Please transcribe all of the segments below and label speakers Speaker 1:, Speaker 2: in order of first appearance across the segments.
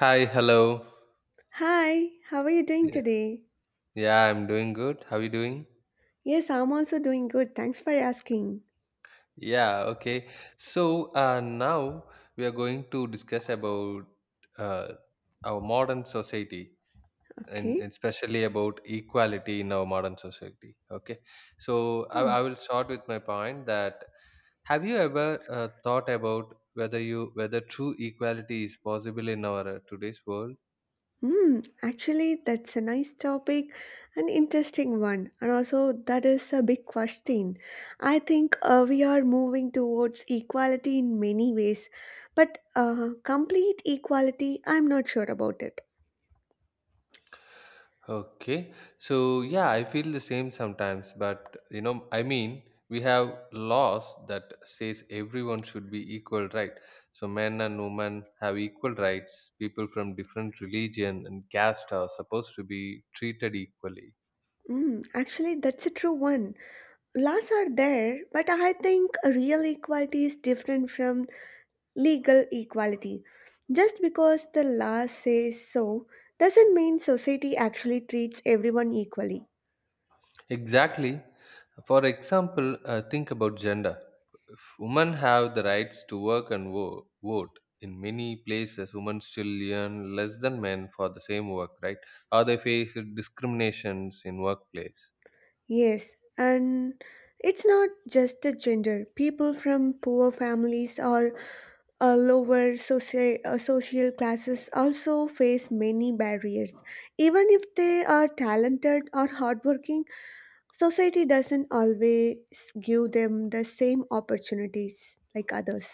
Speaker 1: Hi, hello.
Speaker 2: Hi, how are you doing
Speaker 1: Yeah,
Speaker 2: today?
Speaker 1: Yeah, I'm doing good. How are you doing?
Speaker 2: Yes, I'm also doing good. Thanks for asking.
Speaker 1: Yeah, okay. So now we are going to discuss about uh, our modern society and
Speaker 2: Okay.
Speaker 1: and especially about equality in our modern society. Okay. So I,
Speaker 2: Hmm.
Speaker 1: I will start with my point that have you ever thought about whether true equality is possible in our today's world?
Speaker 2: Actually, that's a nice topic, an interesting one, and also that is a big question. I think we are moving towards equality in many ways, but complete equality, I'm not sure about it.
Speaker 1: Okay. So yeah, I feel the same sometimes, but I mean, we have laws that says everyone should be equal, right? So men and women have equal rights. People from different religion and caste are supposed to be treated equally.
Speaker 2: Actually, that's a true one. Laws are there, but I think real equality is different from legal equality. Just because the law says so doesn't mean society actually treats everyone equally.
Speaker 1: Exactly. For example, think about gender. If women have the rights to work and vote. In many places, women still earn less than men for the same work, right? Or they face discriminations in workplace.
Speaker 2: Yes, and it's not just the gender. People from poor families or lower social classes also face many barriers. Even if they are talented or hardworking, society doesn't always give them the same opportunities like others.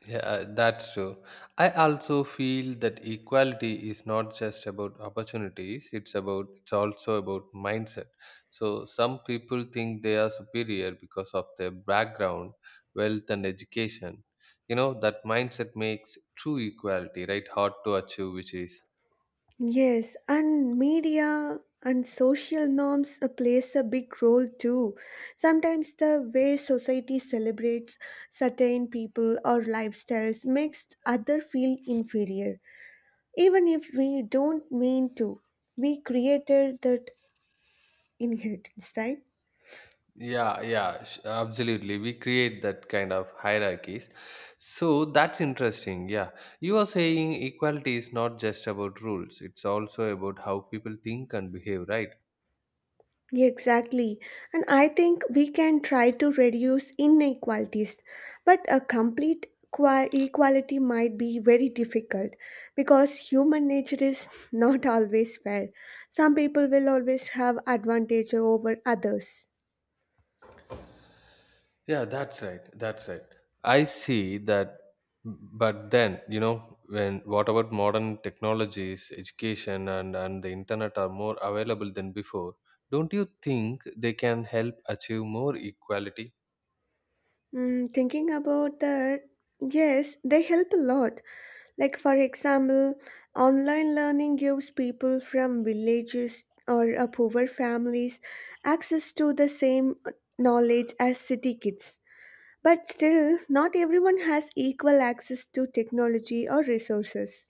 Speaker 1: Yeah, that's true. I also feel that equality is not just about opportunities, it's also about mindset. So some people think they are superior because of their background, wealth and education. That mindset makes true equality, right? Hard to achieve, which is
Speaker 2: Yes, and media and social norms plays a big role too. Sometimes the way society celebrates certain people or lifestyles makes other feel inferior, even if we don't mean to. We created that inheritance, right?
Speaker 1: yeah, yeah, absolutely. We create that kind of hierarchies. So that's interesting. Yeah. You are saying equality is not just about rules, it's also about how people think and behave, right?
Speaker 2: Yeah, exactly. And I think we can try to reduce inequalities, but a complete equality might be very difficult because human nature is not always fair. Some people will always have advantage over others.
Speaker 1: Yeah, that's right. That's right. I see that. But then, when what about modern technologies, education, and the internet are more available than before? Don't you think they can help achieve more equality?
Speaker 2: Thinking about that, yes, they help a lot. Like, for example, online learning gives people from villages or poor families access to the same knowledge as city kids. But still, not everyone has equal access to technology or resources.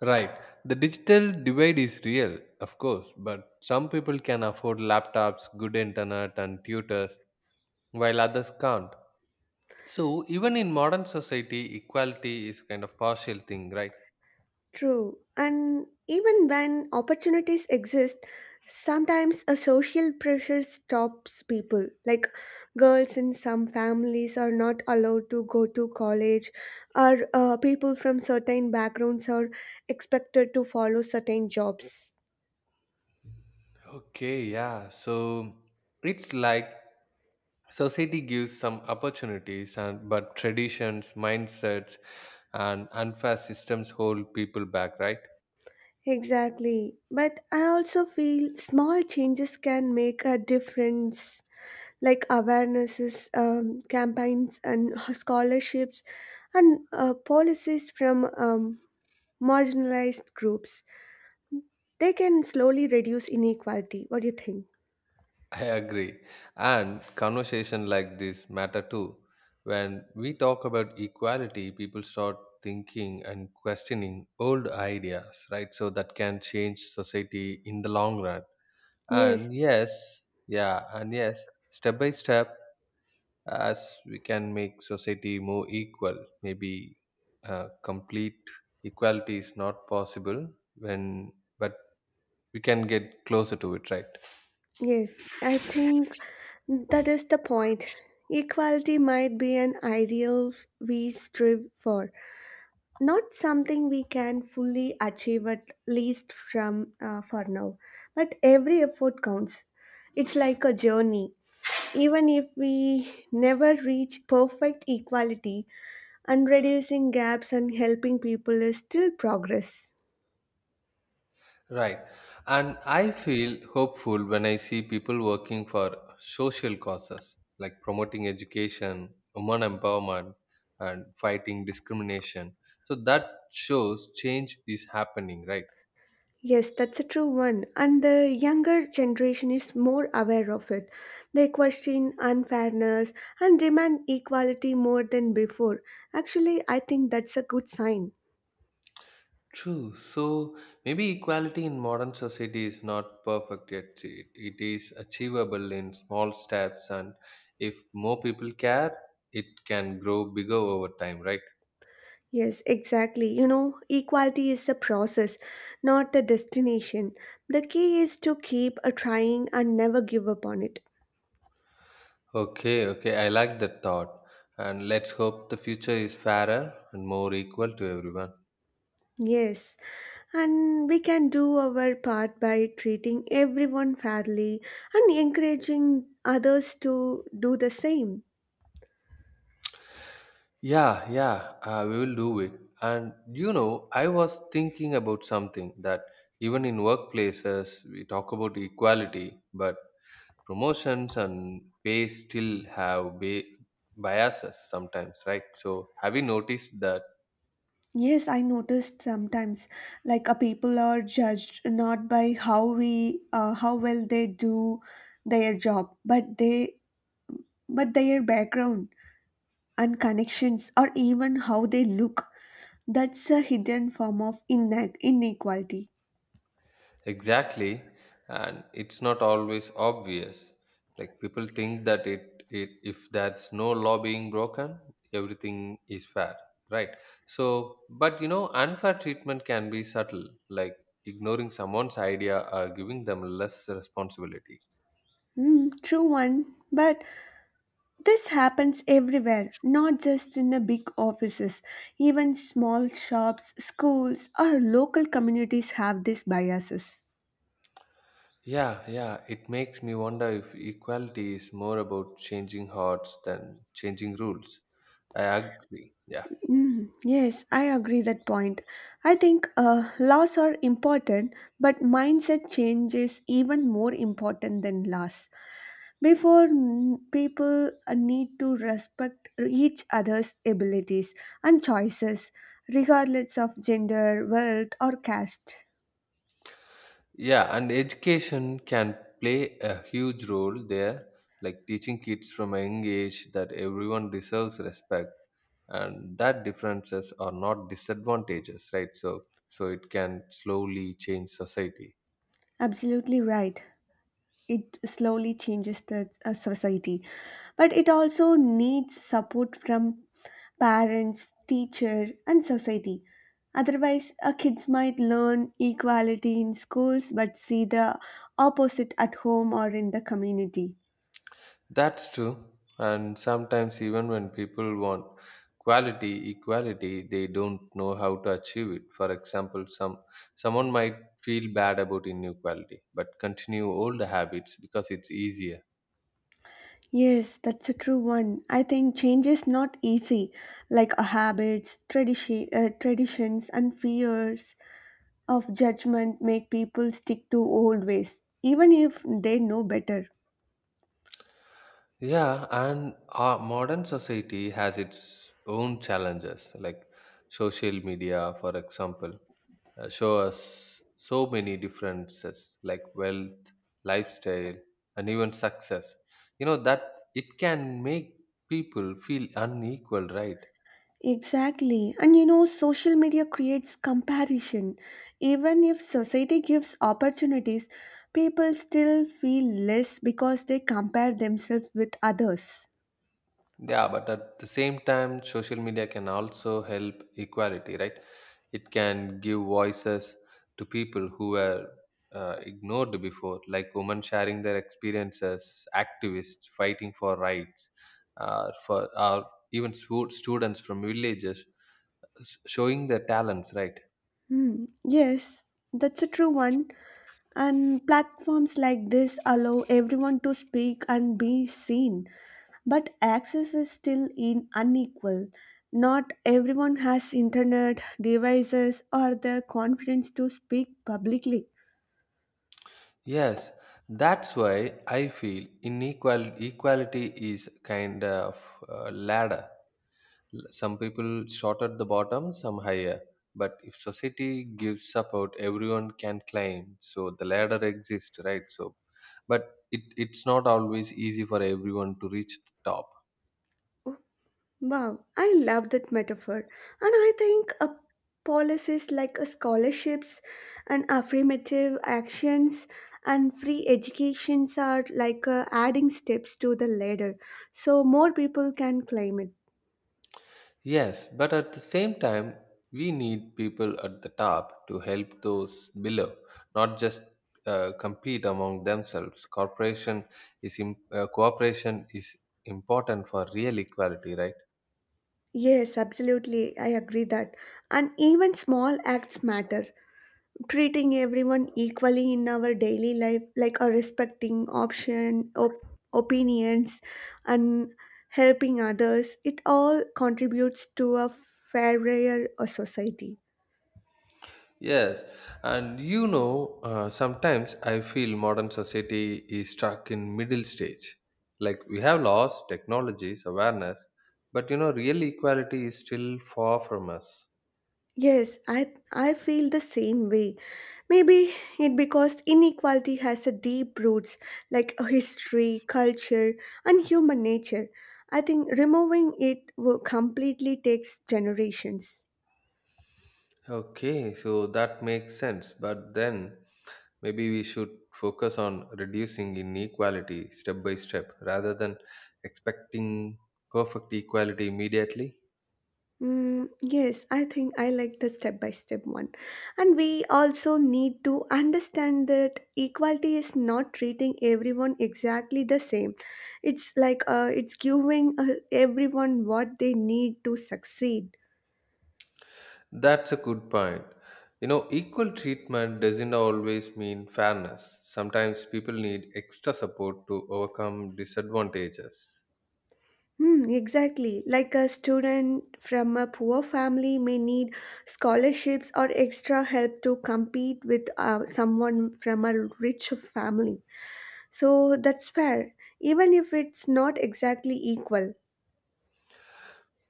Speaker 1: Right. The digital divide is real, of course, but some people can afford laptops, good internet, and tutors, while others can't. So, even in modern society, equality is kind of partial thing, right?
Speaker 2: True. And even when opportunities exist, sometimes a social pressure stops people. Like girls in some families are not allowed to go to college, or people from certain backgrounds are expected to follow certain jobs.
Speaker 1: Okay, yeah. So, it's like society gives some opportunities and but traditions, mindsets, and unfair systems hold people back, right?
Speaker 2: Exactly. But I also feel small changes can make a difference like awarenesses, campaigns, and scholarships, and policies from marginalized groups. They can slowly reduce inequality. What do you think?
Speaker 1: I agree. And conversation like this matter too. When we talk about equality, people start thinking and questioning old ideas, right? So that can change society in the long run.
Speaker 2: Yes,
Speaker 1: And yes, yeah, and yes, step by step, as we can make society more equal, maybe complete equality is not possible when, but we can get closer to it, right?
Speaker 2: yes. I think that is the point. Equality might be an ideal we strive for, not something we can fully achieve at least from for now. But every effort counts. It's like a journey. Even if we never reach perfect equality, and reducing gaps and helping people is still progress.
Speaker 1: Right. And I feel hopeful when I see people working for social causes like promoting education, women empowerment, and fighting discrimination. So that shows change is happening, right?
Speaker 2: Yes, that's a true one. And the younger generation is more aware of it. They question unfairness and demand equality more than before. Actually, I think that's a good sign.
Speaker 1: True. So maybe equality in modern society is not perfect yet. It is achievable in small steps, and if more people care, it can grow bigger over time, right?
Speaker 2: Yes, exactly. You know, equality is a process, not a destination. The key is to keep a trying and never give up on it.
Speaker 1: Okay, okay, I like that thought. And let's hope the future is fairer and more equal to everyone.
Speaker 2: Yes. And we can do our part by treating everyone fairly and encouraging others to do the same.
Speaker 1: Yeah, yeah, we will do it. And I was thinking about something that even in workplaces, we talk about equality, but promotions and pay still have biases sometimes, right? So, have you noticed that?
Speaker 2: Yes, I noticed sometimes like a people are judged not by how well they do their job, but their background and connections or even how they look. That's a hidden form of inequality.
Speaker 1: Exactly, and it's not always obvious. Like people think that it if there's no law being broken, everything is fair, right? So, but unfair treatment can be subtle, like ignoring someone's idea or giving them less responsibility.
Speaker 2: True one, but this happens everywhere, not just in the big offices. Even small shops, schools, or local communities have these biases.
Speaker 1: Yeah, yeah, it makes me wonder if equality is more about changing hearts than changing rules. I agree. Yeah.
Speaker 2: Yes, I agree that point. I think laws are important, but mindset change is even more important than laws. Before people need to respect each other's abilities and choices, regardless of gender, wealth, or caste.
Speaker 1: Yeah, and education can play a huge role there, like teaching kids from a young age that everyone deserves respect and that differences are not disadvantages, right? So it can slowly change society.
Speaker 2: Absolutely right. It slowly changes the society, but it also needs support from parents teacher and society. Otherwise kids might learn equality in schools but see the opposite at home or in the community.
Speaker 1: That's true. And sometimes even when people want equality, they don't know how to achieve it. For example, someone might feel bad about inequality, but continue old habits because it's easier.
Speaker 2: Yes, that's a true one. I think change is not easy like habits traditions and fears of judgment make people stick to old ways even if they know better.
Speaker 1: Yeah, and our modern society has its own challenges, like social media, for example, show us so many differences like wealth, lifestyle, and even success. That it can make people feel unequal, right?
Speaker 2: Exactly. And you know, social media creates comparison. Even if society gives opportunities, people still feel less because they compare themselves with others.
Speaker 1: Yeah, but at the same time, social media can also help equality, right? It can give voices to people who were ignored before, like women sharing their experiences, activists fighting for rights, for or even students from villages showing their talents. Right?
Speaker 2: Hmm. Yes, that's a true one. And platforms like this allow everyone to speak and be seen. But access is still in unequal. Not everyone has internet, devices, or the confidence to speak publicly.
Speaker 1: Yes, that's why I feel inequality equality is kind of a ladder. Some people shorter at the bottom, some higher. But if society gives support, everyone can climb. So the ladder exists, right? So, but it's not always easy for everyone to reach the top.
Speaker 2: Wow, I love that metaphor. And I think a policies like a scholarships and affirmative actions and free educations are like adding steps to the ladder so more people can claim it.
Speaker 1: Yes, but at the same time, we need people at the top to help those below, not just compete among themselves. Cooperation is important for real equality, right?
Speaker 2: Yes, absolutely. I agree that. And even small acts matter. Treating everyone equally in our daily life like a respecting opinions and helping others, it all contributes to a fairer society.
Speaker 1: Yes, and sometimes I feel modern society is stuck in middle stage. Like we have laws, technologies, awareness, but real equality is still far from us.
Speaker 2: Yes, I feel the same way. Maybe it because inequality has a deep roots like a history, culture, and human nature. I think removing it will completely takes generations.
Speaker 1: Okay, so that makes sense. But then maybe we should focus on reducing inequality step by step rather than expecting perfect equality immediately.
Speaker 2: Yes, I think I like the step by step one. And we also need to understand that equality is not treating everyone exactly the same. It's giving everyone what they need to succeed.
Speaker 1: That's a good point. You know, equal treatment doesn't always mean fairness. Sometimes people need extra support to overcome disadvantages.
Speaker 2: Exactly. Like a student from a poor family may need scholarships or extra help to compete with someone from a rich family. So that's fair, even if it's not exactly equal.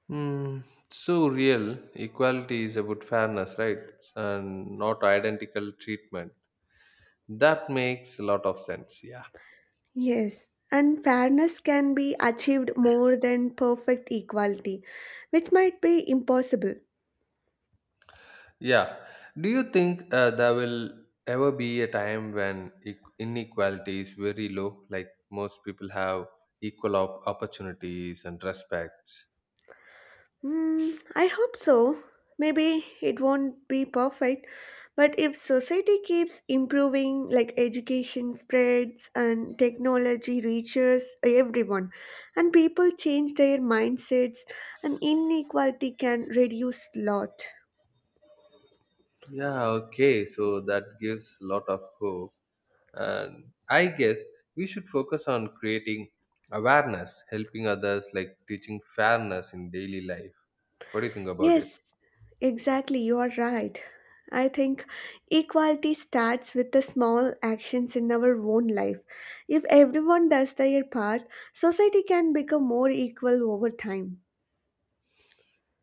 Speaker 1: Hmm. So, real equality is about fairness, right? And not identical treatment. That makes a lot of sense. Yeah.
Speaker 2: Yes, and fairness can be achieved more than perfect equality, which might be impossible.
Speaker 1: Yeah. Do you think there will ever be a time when inequality is very low, like most people have equal opportunities and respect?
Speaker 2: I hope so. Maybe it won't be perfect, but if society keeps improving, like education spreads and technology reaches everyone, and people change their mindsets, and inequality can reduce lot.
Speaker 1: Yeah, okay. So that gives a lot of hope. And I guess we should focus on creating awareness, helping others, like teaching fairness in daily life. What do you think about it?
Speaker 2: Yes, exactly. You are right. I think equality starts with the small actions in our own life. If everyone does their part, society can become more equal over time.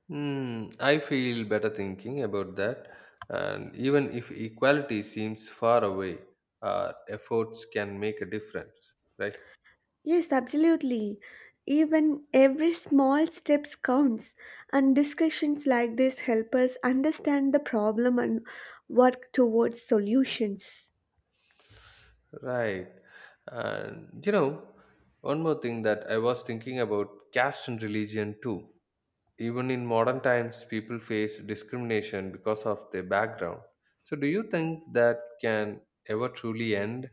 Speaker 1: Hmm, I feel better thinking about that. And even if equality seems far away, our efforts can make a difference, right?
Speaker 2: Yes, absolutely. Even every small steps counts, and discussions like this help us understand the problem and work towards solutions.
Speaker 1: Right. And one more thing that I was thinking about caste and religion too. Even in modern times, people face discrimination because of their background. So, do you think that can ever truly end?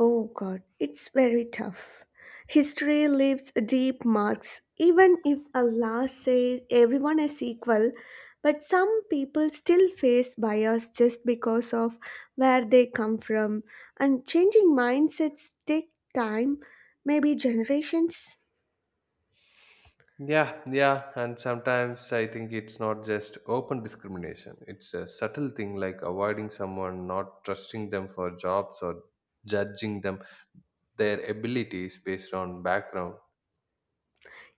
Speaker 2: Oh God, it's very tough. History leaves deep marks, even if Allah says everyone is equal, but some people still face bias just because of where they come from, and changing mindsets take time, maybe generations.
Speaker 1: Yeah, yeah, and sometimes I think it's not just open discrimination. It's a subtle thing like avoiding someone, not trusting them for jobs or judging them their abilities based on background.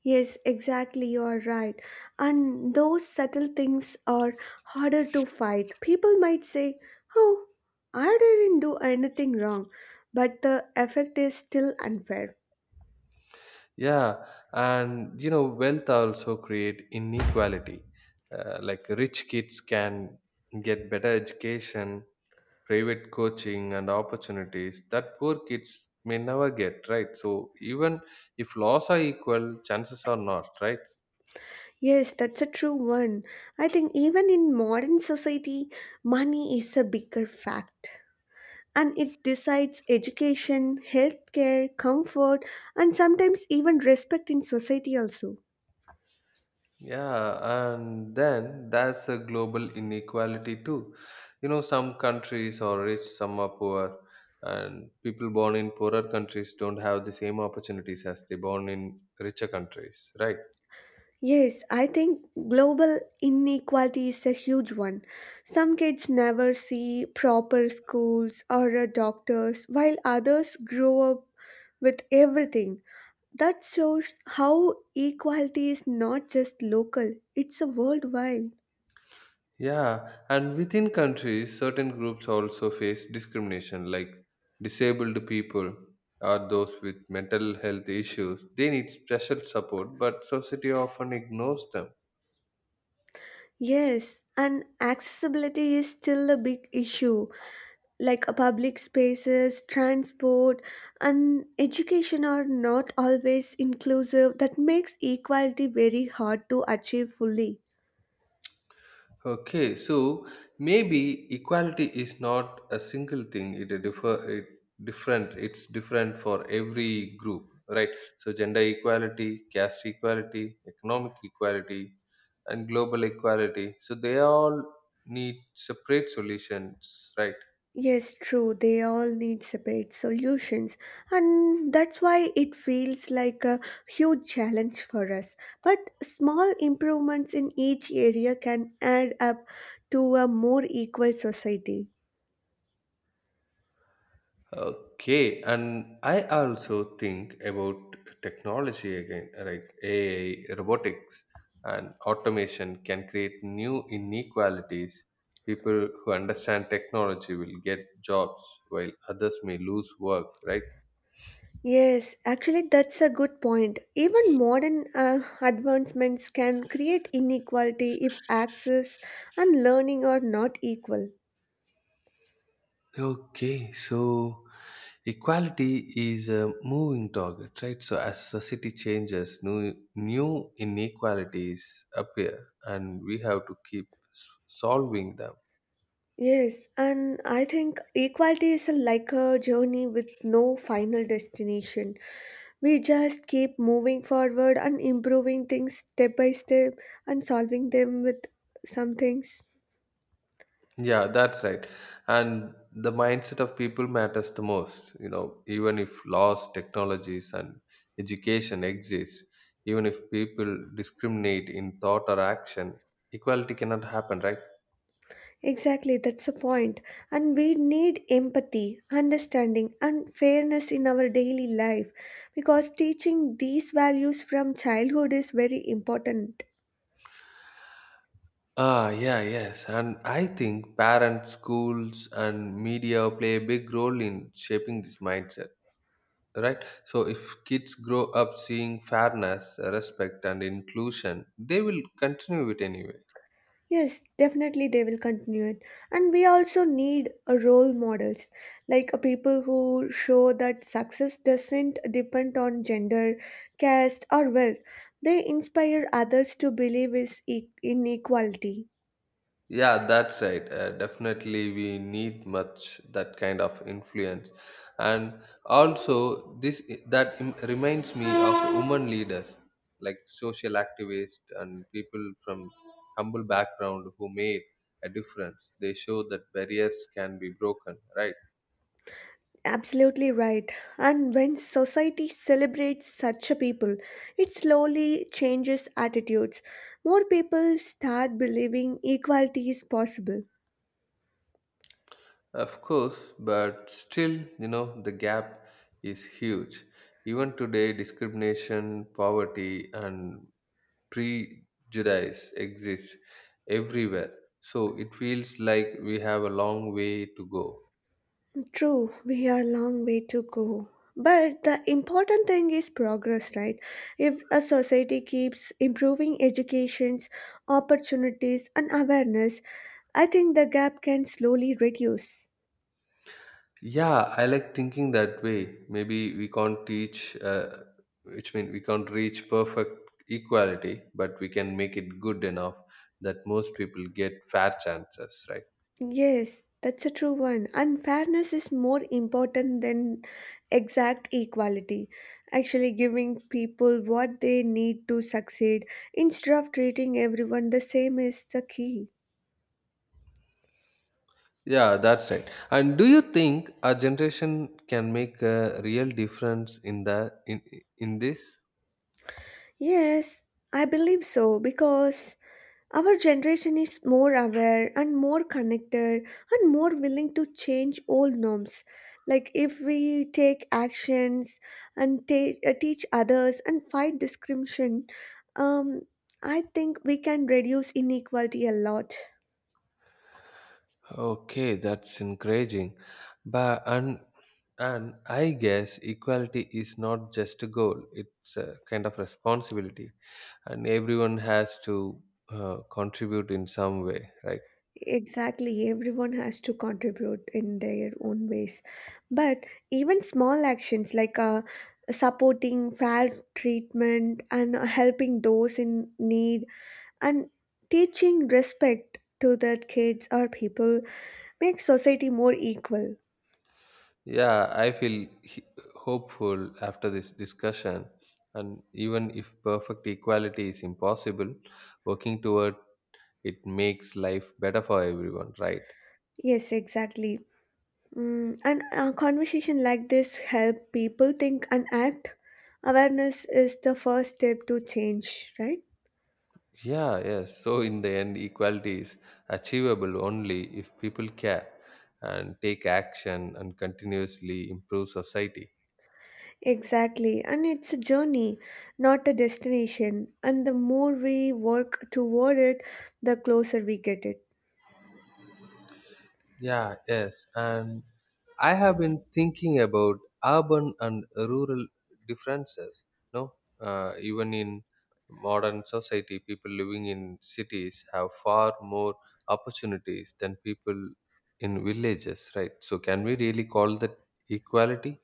Speaker 2: Yes, exactly, you are right. And those subtle things are harder to fight. People might say, oh, I didn't do anything wrong, but the effect is still unfair.
Speaker 1: Yeah, and wealth also create inequality. Like rich kids can get better education private coaching and opportunities that poor kids may never get, right? So even if laws are equal, chances are not, right?
Speaker 2: Yes, that's a true one. I think even in modern society, money is a bigger fact. And it decides education, healthcare, comfort, and sometimes even respect in society also.
Speaker 1: Yeah, and then there's a global inequality too. You know, some countries are rich, some are poor, and people born in poorer countries don't have the same opportunities as they born in richer countries, right?
Speaker 2: Yes, I think global inequality is a huge one. Some kids never see proper schools or doctors, while others grow up with everything. That shows how equality is not just local, it's a worldwide.
Speaker 1: Yeah, and within countries, certain groups also face discrimination, like disabled people or those with mental health issues. They need special support, but society often ignores them.
Speaker 2: Yes, and accessibility is still a big issue. Like public spaces, transport, and education are not always inclusive, that makes equality very hard to achieve fully.
Speaker 1: Okay, so maybe equality is not a single thing. It a differ it different. It's different for every group, right? So gender equality, caste equality, economic equality, and global equality. So they all need separate solutions, right?
Speaker 2: Yes, true, they all need separate solutions, and that's why it feels like a huge challenge for us. But small improvements in each area can add up to a more equal society.
Speaker 1: Okay, and I also think about technology again, like AI, robotics, and automation can create new inequalities. People who understand technology will get jobs while others may lose work, right?
Speaker 2: Yes, actually, that's a good point. Even modern advancements can create inequality if access and learning are not equal.
Speaker 1: Okay, so equality is a moving target, right? So as society changes, new inequalities appear, and we have to keep s- solving them.
Speaker 2: Yes, and I think equality is like a journey with no final destination. We just keep moving forward and improving things step by step and solving them with some things.
Speaker 1: Yeah, that's right. And the mindset of people matters the most. You know, even if laws, technologies, and education exist, even if people discriminate in thought or action, equality cannot happen, right?
Speaker 2: Exactly, that's the point. And we need empathy, understanding, and fairness in our daily life because teaching these values from childhood is very important.
Speaker 1: Ah, yeah, yes. And I think parents, schools, and media play a big role in shaping this mindset, right? So if kids grow up seeing fairness, respect, and inclusion, they will continue it anyway.
Speaker 2: Yes, definitely they will continue it. And we also need a role models, like a people who show that success doesn't depend on gender, caste, or wealth. They inspire others to believe in equality.
Speaker 1: Yeah, that's right. Definitely, we need much that kind of influence, and also reminds me of women leaders like social activists and people from humble background who made a difference. They show that barriers can be broken, right?
Speaker 2: Absolutely right. And when society celebrates such a people, it slowly changes attitudes. More people start believing equality is possible.
Speaker 1: Of course, but still, you know, the gap is huge. Even today, discrimination, poverty, and prejudice exists everywhere. So it feels like we have a long way to go.
Speaker 2: True, we are a long way to go. But the important thing is progress, right? If a society keeps improving educations, opportunities, and awareness, I think the gap can slowly reduce.
Speaker 1: Yeah, I like thinking that way. Maybe we can't teach, which means we can't reach perfect equality, but we can make it good enough that most people get fair chances, right?
Speaker 2: Yes, that's a true one. Unfairness is more important than exact equality. Actually, giving people what they need to succeed instead of treating everyone the same is the key.
Speaker 1: Yeah, that's right. And do you think our generation can make a real difference in that in this?
Speaker 2: Yes, I believe so because our generation is more aware and more connected and more willing to change old norms. Like, if we take actions and teach others and fight discrimination, um, I think we can reduce inequality a lot.
Speaker 1: Okay, that's encouraging. But and I guess equality is not just a goal; it's a kind of responsibility, and everyone has to contribute in some way, right?
Speaker 2: Exactly, everyone has to contribute in their own ways. But even small actions like supporting fair treatment and helping those in need and teaching respect to the kids or people makes society more equal.
Speaker 1: Yeah, I feel hopeful after this discussion, and even if perfect equality is impossible, working toward it makes life better for everyone, right?
Speaker 2: Yes, exactly. And a conversation like this help people think and act. Awareness is the first step to change, right?
Speaker 1: Yeah, yes. So, in the end, equality is achievable only if people care and take action and continuously improve society.
Speaker 2: Exactly, and it's a journey, not a destination, and the more we work toward it, the closer we get it.
Speaker 1: Yeah, yes. And I have been thinking about urban and rural differences. No, even in modern society, people living in cities have far more opportunities than people in villages, right? So, can we really call that equality?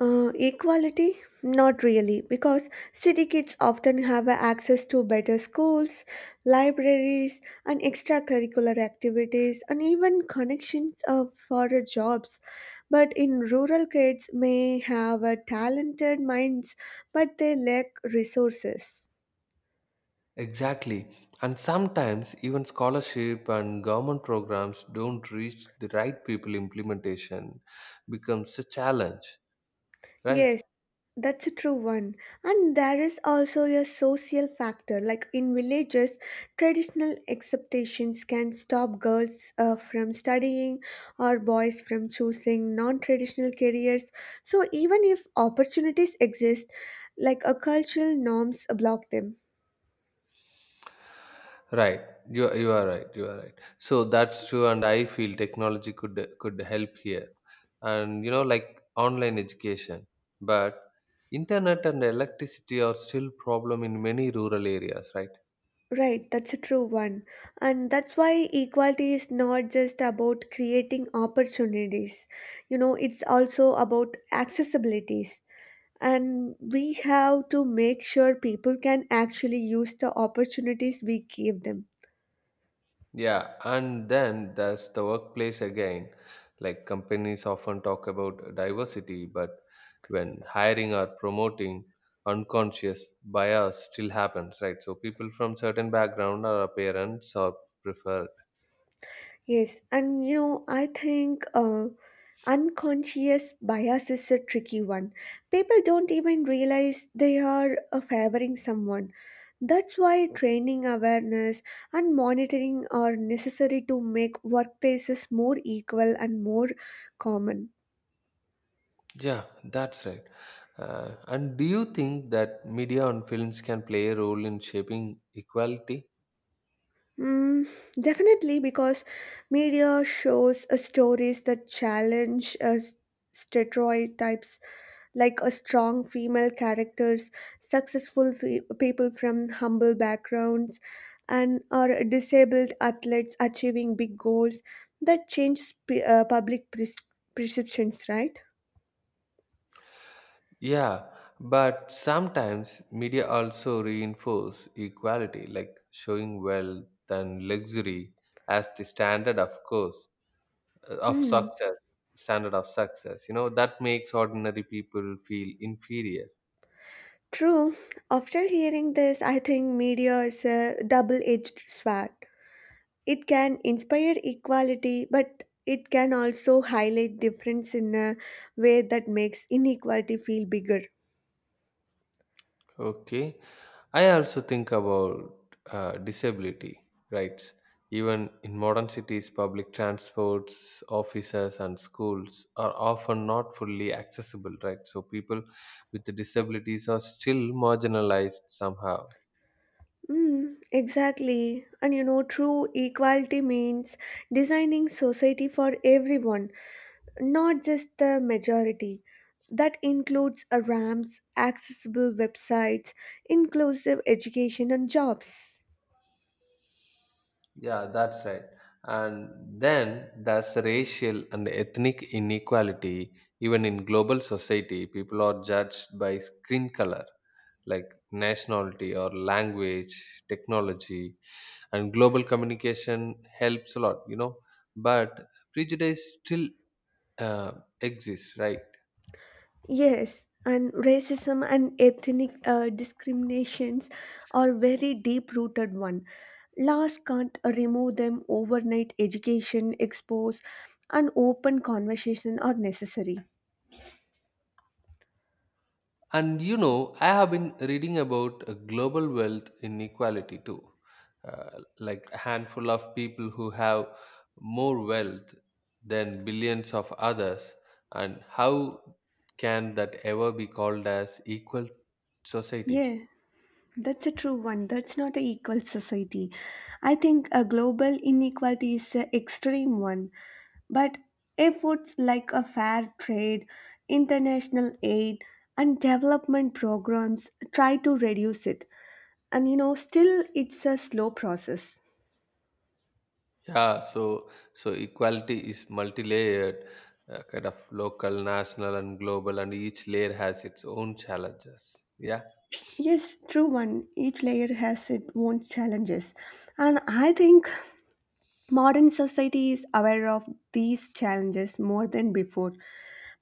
Speaker 2: Equality? Not really, because city kids often have access to better schools, libraries, and extracurricular activities, and even connections for jobs. But in rural kids may have talented minds, but they lack resources.
Speaker 1: Exactly. And sometimes even scholarship and government programs don't reach the right people implementation becomes a challenge, right?
Speaker 2: Yes, that's a true one. And there is also a social factor. Like in villages, traditional expectations can stop girls from studying or boys from choosing non traditional careers. So even if opportunities exist, like a cultural norms block them.
Speaker 1: Right. You are right. You are right. So that's true and I feel technology could help here. And you know like online education. But internet and electricity are still problem in many rural areas, right?
Speaker 2: Right, that's a true one. And that's why equality is not just about creating opportunities. You know, it's also about accessibilities. And we have to make sure people can actually use the opportunities we give them.
Speaker 1: Yeah, and then there's the workplace again. Like companies often talk about diversity, but when hiring or promoting, unconscious bias still happens, right? So people from certain background or appearance are preferred.
Speaker 2: Yes, and you know, I think unconscious bias is a tricky one. People don't even realize they are favoring someone. That's why training awareness and monitoring are necessary to make workplaces more equal and more common.
Speaker 1: Yeah, that's right. And do you think that media and films can play a role in shaping equality?
Speaker 2: Mm, Definitely, because media shows stories that challenge stereotypes, like a strong female characters, successful people from humble backgrounds, and or disabled athletes achieving big goals that change public perceptions, right?
Speaker 1: Yeah, but sometimes media also reinforce equality, like showing wealth and luxury as the standard of course uh, of
Speaker 2: Hmm.
Speaker 1: success, standard of success. You know, that makes ordinary people feel inferior.
Speaker 2: True. After hearing this, I think media is a double-edged sword. It can inspire equality, but it can also highlight difference in a way that makes inequality feel bigger.
Speaker 1: Okay. I also think about disability rights. Even in modern cities, public transports, offices, and schools are often not fully accessible, right? So people with disabilities are still marginalized somehow.
Speaker 2: Exactly. And you know, true equality means designing society for everyone, not just the majority. That includes a ramps, accessible websites, inclusive education, and jobs.
Speaker 1: Yeah, that's right. And then there's racial and ethnic inequality. Even in global society, people are judged by skin color, like nationality or language, technology and global communication helps a lot, you know, but prejudice still uh, exists, right?
Speaker 2: Yes, and racism and ethnic discriminations are very deep rooted one. Laws can't remove them overnight. Education, expose, and open conversation are necessary.
Speaker 1: And you know, I have been reading about global wealth inequality too, uh, like a handful of people who have more wealth than billions of others, and how can that ever be called as equal society?
Speaker 2: Yeah, that's a true one. That's not an equal society. I think a global inequality is an extreme one. But efforts like a fair trade, international aid, and development programs try to reduce it. And you know, still it's a slow process.
Speaker 1: Yeah, so so equality is multi-layered, kind of local, national, and global, and each layer has its own challenges. Yeah,
Speaker 2: Yes, true one. Each layer has its own challenges. And I think modern society is aware of these challenges more than before.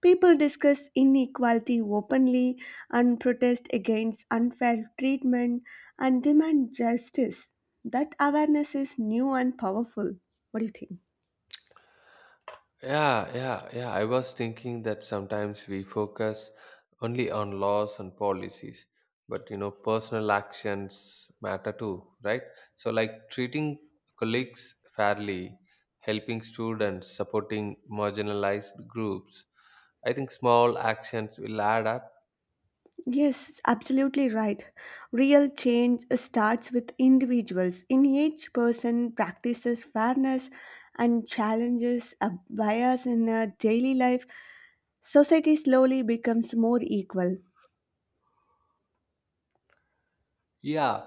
Speaker 2: People discuss inequality openly and protest against unfair treatment and demand justice. That awareness is new and powerful. What do you think?
Speaker 1: yeah. I was thinking that sometimes we focus only on laws and policies, but you know, personal actions matter too, right? So, like treating colleagues fairly, helping students, supporting marginalized groups. I think small actions will add up.
Speaker 2: Yes, absolutely right. Real change starts with individuals. In each person practices fairness and challenges a bias in a daily life, society slowly becomes more equal.
Speaker 1: Yeah.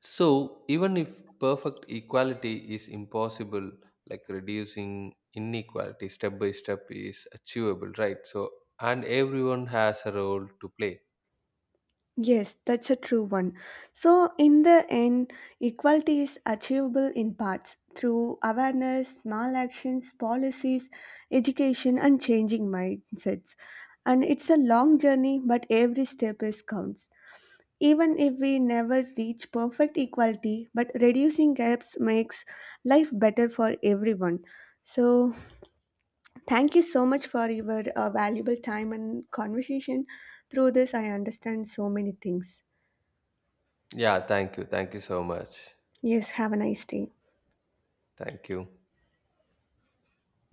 Speaker 1: So even if perfect equality is impossible, like reducing inequality step by step is achievable, right? So and everyone has a role to play.
Speaker 2: Yes, that's a true one. So, in the end, equality is achievable in parts through awareness, small actions, policies, education, and changing mindsets. And it's a long journey, but every step is counts. Even if we never reach perfect equality, but reducing gaps makes life better for everyone. So, thank you so much for your valuable time and conversation. Through this, I understand so many things.
Speaker 1: Yeah, thank you. Thank you so much.
Speaker 2: Yes, have a nice day.
Speaker 1: Thank you.